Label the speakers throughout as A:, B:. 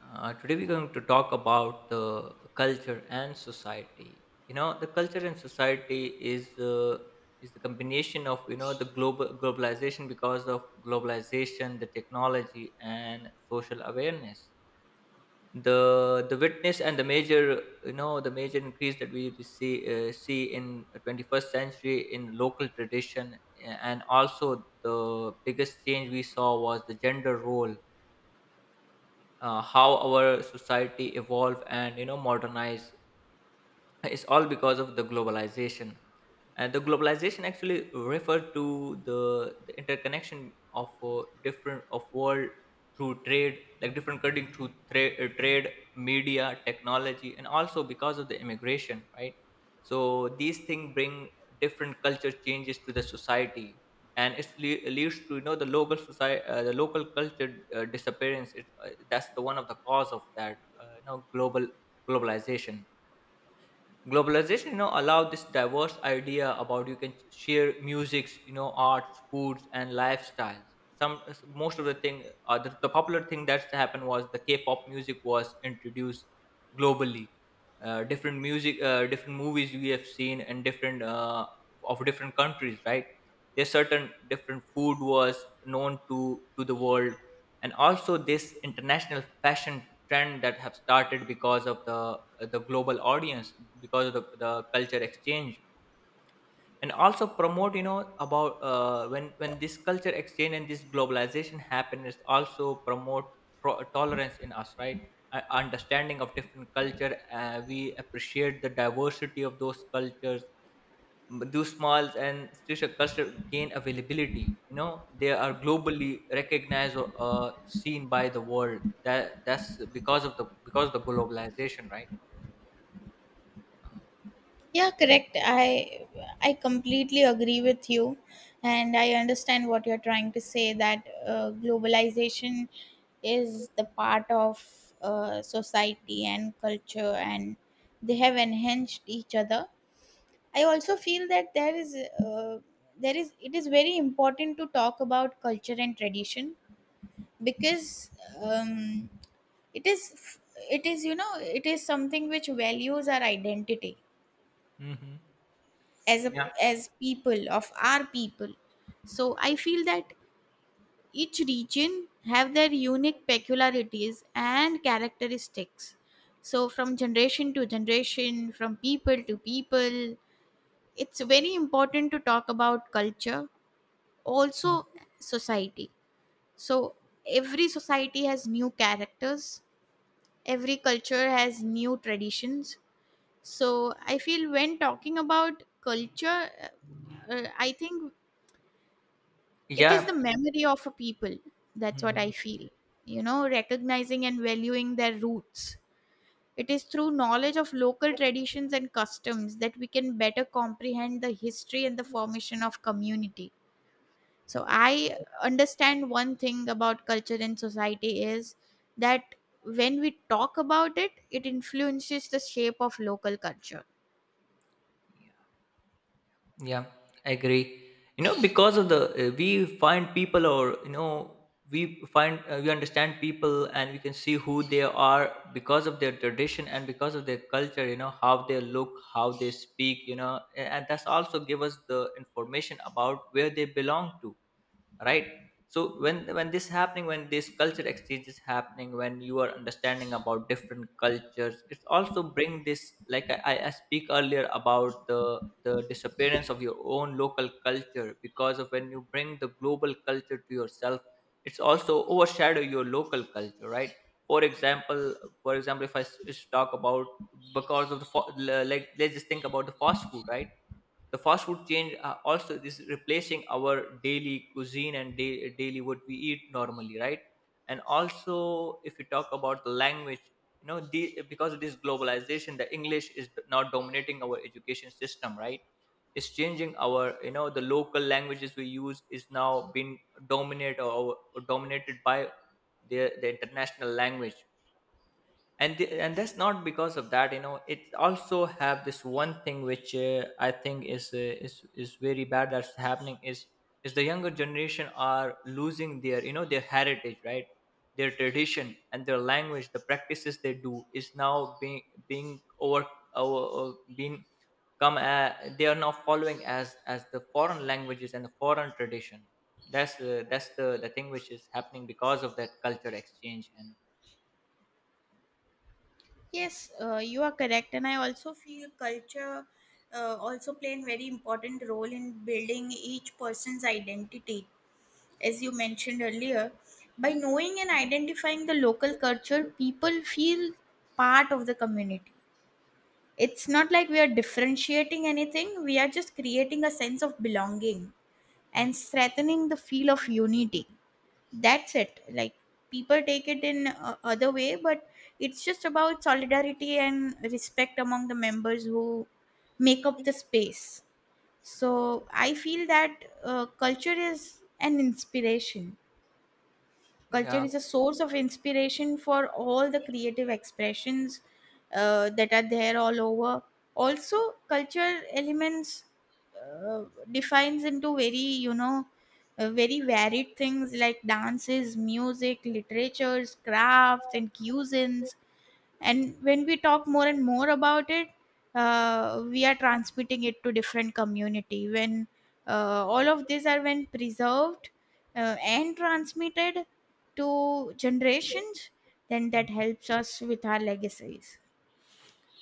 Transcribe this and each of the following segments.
A: Today we're going to talk about the culture and society. The culture and society is the combination of the globalization, because of globalization, the technology, and social awareness. The witness and the major increase that we see in 21st century in local tradition, and also the biggest change we saw was the gender role, how our society evolve and modernize. It's all because of the globalization, and the globalization actually refer to the interconnection of, different of world, through trade, like different country through trade, media, technology, and also because of the immigration, right? So these things bring different culture changes to the society, and leads to, the local society, the local culture, disappearance. That's the one of the cause of that, global globalization globalization. Allowed this diverse idea about you can share musics, arts, foods, and lifestyles. Some Most of the thing, the popular thing that's happened was the k-pop music was introduced globally. Different music, different movies we have seen, and different, of different countries, right? There's certain different food was known to the world, and also this international fashion trend that have started because of the, the global audience, because of the culture exchange. And also promote, about, when this culture exchange and this globalization happen is also promote tolerance in us, right? Understanding of different culture, we appreciate the diversity of those cultures. Those smalls and special culture gain availability. They are globally recognized or seen by the world. That's because of the globalization, right? Uh,
B: Yeah, correct. I completely agree with you, and I understand what you're trying to say that globalization is the part of society and culture, and they have enhanced each other. I also feel that uh, there is it is very important to talk about culture and tradition because um, it is it is something which values our identity as a
A: hmm.
B: as people of our people. So I feel that each region have their unique peculiarities and characteristics, so from generation to generation, from people to people, it's very important to talk about culture, also society. So every society has new characters, every culture has new traditions. So I feel when talking about culture, I think it is
A: Yeah.
B: the memory of a people. That's
A: Mhm.
B: what I
A: Mhm.
B: feel. You know, recognizing and valuing their roots, it is through knowledge of local traditions and customs that we can better comprehend the history and the formation of community. So I understand one thing about culture and society is that when we talk about it, it influences the shape of local culture.
A: Yeah, I agree. You know, because of the We find people, or, we understand people, and we can see who they are because of their tradition and because of their culture. How they look, how they speak. And that's also give us the information about where they belong to, right? So when this happening, when this culture exchange is happening, when you are understanding about different cultures, it's also bring this, like I speak earlier about the disappearance of your own local culture, because of when you bring the global culture to yourself, it's also overshadow your local culture, right? For example, if talk about because of the fa- like, let's just think about the fast food, right? The fast food change, also is replacing our daily cuisine and daily what we eat normally, right? And also if we talk about the language, because of this globalization the english is now dominating our education system, right? It's changing our, the local languages we use is now being dominate or dominated by the international language. And that's not because of that, it also have this one thing which, I think is, is very bad that's happening is the younger generation are losing their, their heritage, right? Their tradition and their language, the practices they do is now being over, over, over being come they are now following as the foreign languages and the foreign tradition. That's the thing which is happening because of that culture exchange. And
B: Yes, you are correct, and I also feel culture also play a very important role in building each person's identity. As you mentioned earlier, by knowing and identifying the local culture, people feel part of the community. It's not like we are differentiating anything; we are just creating a sense of belonging and strengthening the feel of unity. That's it. Like, people take it in other way, but it's just about solidarity and respect among the members who make up the space. So I feel that culture is an inspiration. Culture
A: yeah.
B: is a source of inspiration for all the creative expressions that are there all over. Also, culture elements uh, defines into very, you know, very varied things like dances, music, literatures, crafts, and cuisines. And when we talk more and more about it, we are transmitting it to different community. When all of these are when preserved and transmitted to generations, then that helps us with our legacies.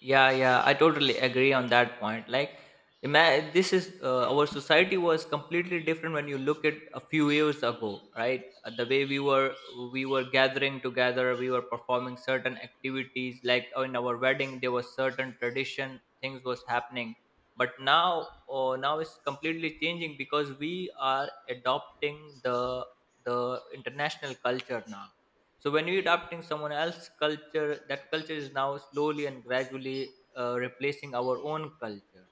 A: Yeah, yeah, I totally agree on that point. Like, ima- this is our society was completely different when you look at a few years ago, right? The way we were gathering together, we were performing certain activities. Like, in our wedding, there was certain tradition, things was happening. But now, oh, now it's completely changing because we are adopting the the international culture now. So when we adopting someone else's culture, that culture is now slowly and gradually, replacing our own culture.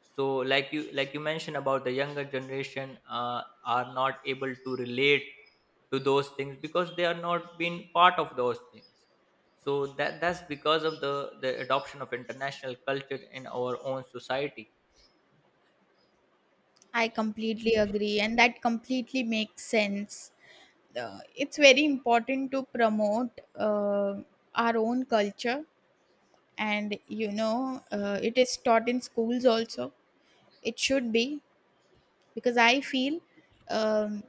A: So like you mentioned about the younger generation, are not able to relate to those things because they are not been part of those things. So that's because of the adoption of international culture in our own society.
B: I completely agree, and that completely makes sense. It's very important to promote our own culture, and you know, it is taught in schools also. It should be, because I feel um,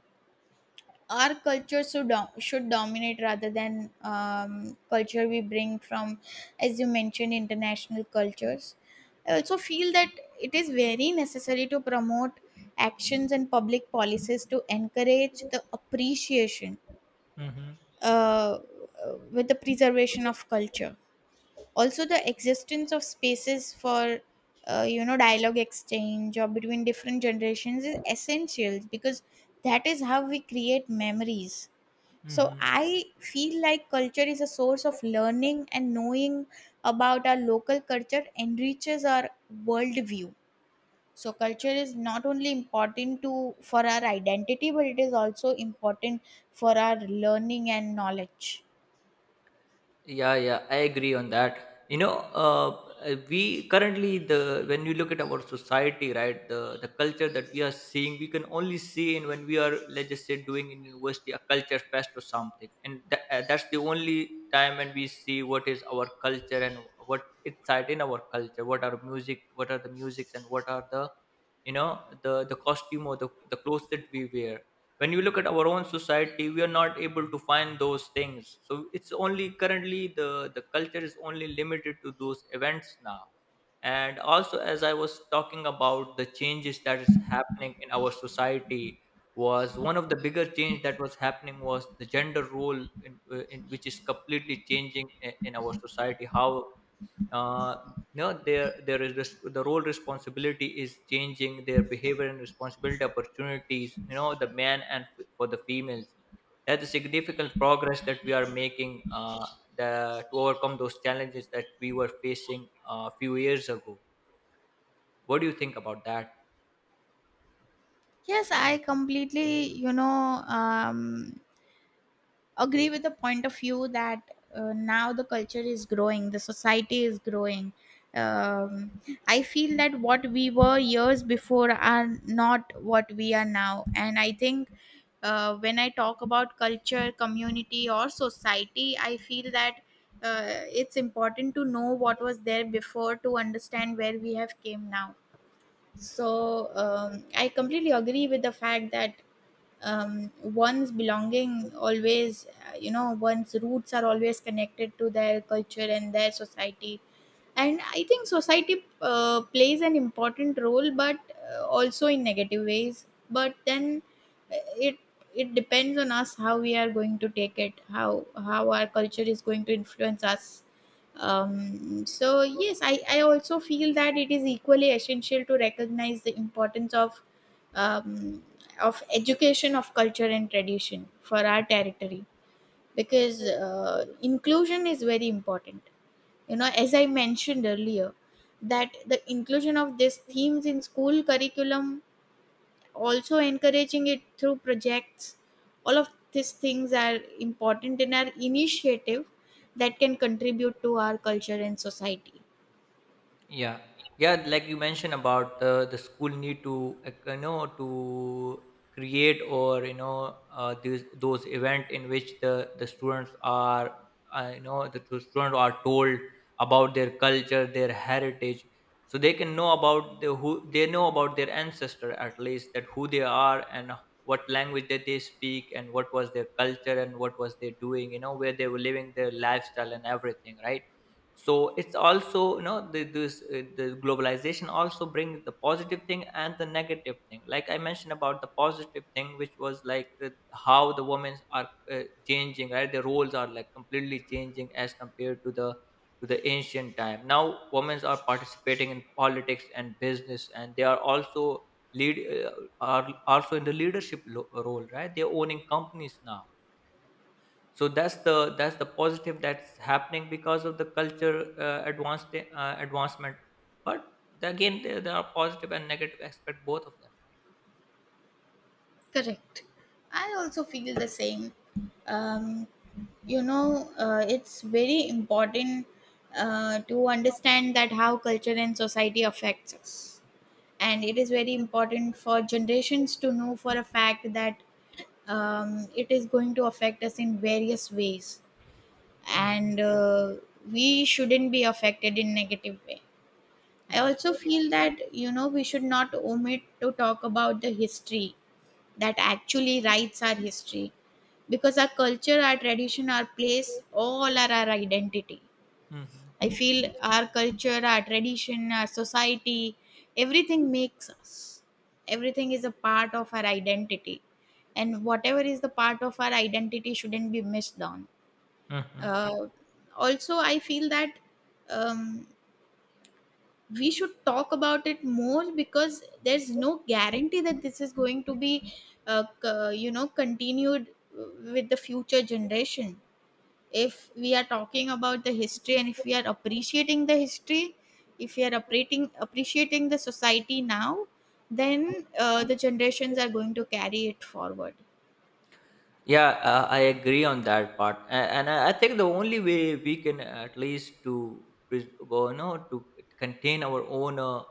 B: our culture should dominate rather than culture we bring from, as you mentioned, international cultures. I
A: Yeah.
B: also feel that it is very necessary to promote actions and public policies to encourage the appreciation uh, with the preservation of culture, also the existence of spaces for you know, dialogue exchange or between different generations is essential, because that is how we create memories. So
A: Mm-hmm.
B: I feel like culture is a source of learning, and knowing about our local culture enriches our worldview. So culture is not only important to for our identity, but it is also important for our learning and knowledge.
A: Yeah, yeah, I agree on that. You know, we currently the When you look at our society, right, the culture that we are seeing, we can only see in when we are, let's just say, doing in university a culture fest or something, and that's the only time when we see what is our culture, and what inside in our culture, what are music, what are the musics, and what are the costume or the clothes that we wear. When you look at our own society, we are not able to find those things, so it's only currently the culture is only limited to those events now. And also as I was talking about the changes that is happening in our society, was one of the bigger change that was happening was the gender role in which is completely changing in our society, how, uh, no, the role responsibility is changing. Their behavior and responsibility opportunities. The men and for the females. That's a significant progress that we are making, to overcome those challenges that we were facing a few years ago. What do you think about that?
B: Yes, I completely, you know, agree with the point of view that now the culture is growing, the society is growing. Um, I feel that what we were years before are not what we are now. And I think when I talk about culture, community, or society, I feel that it's important to know what was there before to understand where we have came now. So I completely agree with the fact that one's belonging always you know, one's roots are always connected to their culture and their society. And I think society plays an important role, but also in negative ways. But then uh, it it depends on us how we are going to take it, how our culture is going to influence us. So yes, I also feel that it is equally essential to recognize the importance um, of education of culture and tradition for our territory, because inclusion is very important. You know, as I mentioned earlier, that the inclusion of these themes in school curriculum, also encouraging it through projects, all of these things are important in our initiative that can contribute to our culture and society.
A: Yeah, yeah. Like you mentioned about, the school need to, to create, or these those event in which the students are, the students are told about their culture, their heritage, so they can know about the who they know about their ancestor, at least that who they are, and what language that they speak, and what was their culture, and what was they doing, where they were living, their lifestyle, and everything, right? So it's also, the globalization also brings the positive thing and the negative thing, like I mentioned about the positive thing, which was like how the women are, changing, right? The roles are like completely changing as compared to the ancient time. Now women are participating in politics and business, and they are also lead uh, are also in the leadership role, right? They're owning companies now. So that's the positive that's happening because of the culture, advanced advancement. But again, there are positive and negative aspect both of them, right?
B: Correct. I also feel the same. um, you know, it's very important to understand that how culture and society affects us, and it is very important for generations to know for a fact that it is going to affect us in various ways.
A: Hmm.
B: And we shouldn't be affected in negative way. I
A: Yeah.
B: also feel that, you know, we should not omit to talk about the history that actually writes our history, because our culture, our tradition, our place, all are our identity.
A: Hmm.
B: I feel our culture, our tradition, our society, everything makes us. Everything is a part of our identity. And whatever is the part of our identity shouldn't be missed down.
A: Hmm.
B: Uh, Also, I feel that um, we should talk about it more, because there's no guarantee that this is going to be, you know, continued with the future generation. If we are talking about the history and if we are appreciating the history, if we are appreciating the society now, then the generations are going to carry it forward.
A: Yeah. I agree on that part, and I think the only way we can at least to well, to contain our own uh,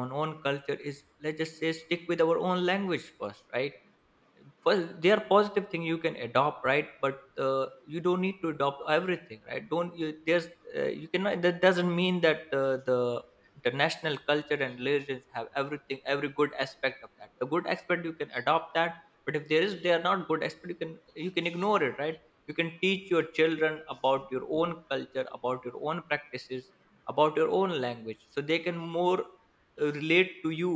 A: own own culture is, let's just say, stick with our own language first, right? First they are positive things you can adopt, right? But, uh, you don't need to adopt everything, right? Don't you? There's, you cannot, that doesn't mean that, the international culture and religions have everything, every good aspect of that, the good aspect you can adopt that. But if there is they are not good aspect, you can ignore it, right? You can teach your children about your own culture, about your own practices, about your own language, so they can more, relate to you.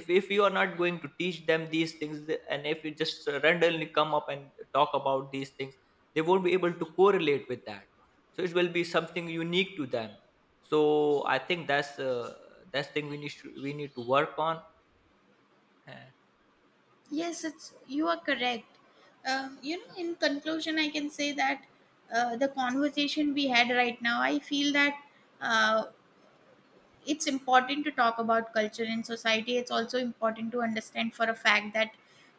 A: If you are not going to teach them these things, and if you just, randomly come up and talk about these things, they won't be able to correlate with that, so it will be something unique to them. So I think that's thing we need to work on.
B: Yes, it's you are correct. You know, in conclusion, I can say that the conversation we had right now, I feel that uh, it's important to talk about culture in society. It's also important to understand for a fact that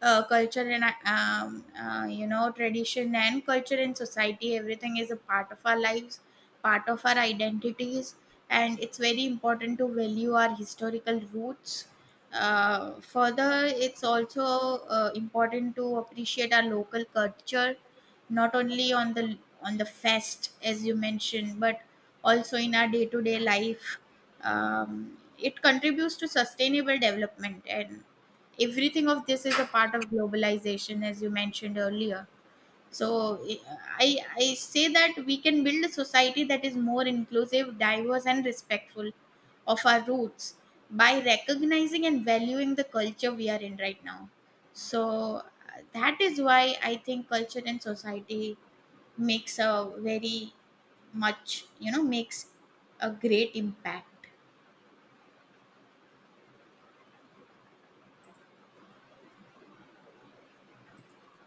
B: culture and you know, tradition and culture in society, everything is a part of our lives, part of our identities, and it's very important to value our historical roots. Further, it's also important to appreciate our local culture, not only on the fest as you mentioned, but also in our day to day life. It contributes to sustainable development, and everything of this is a part of globalization, as you mentioned earlier. So I say that we can build a society that is more inclusive, diverse, and respectful of our roots by recognizing and valuing the culture we are in right now. So that is why I think culture and society makes a very much, you know, makes a great impact.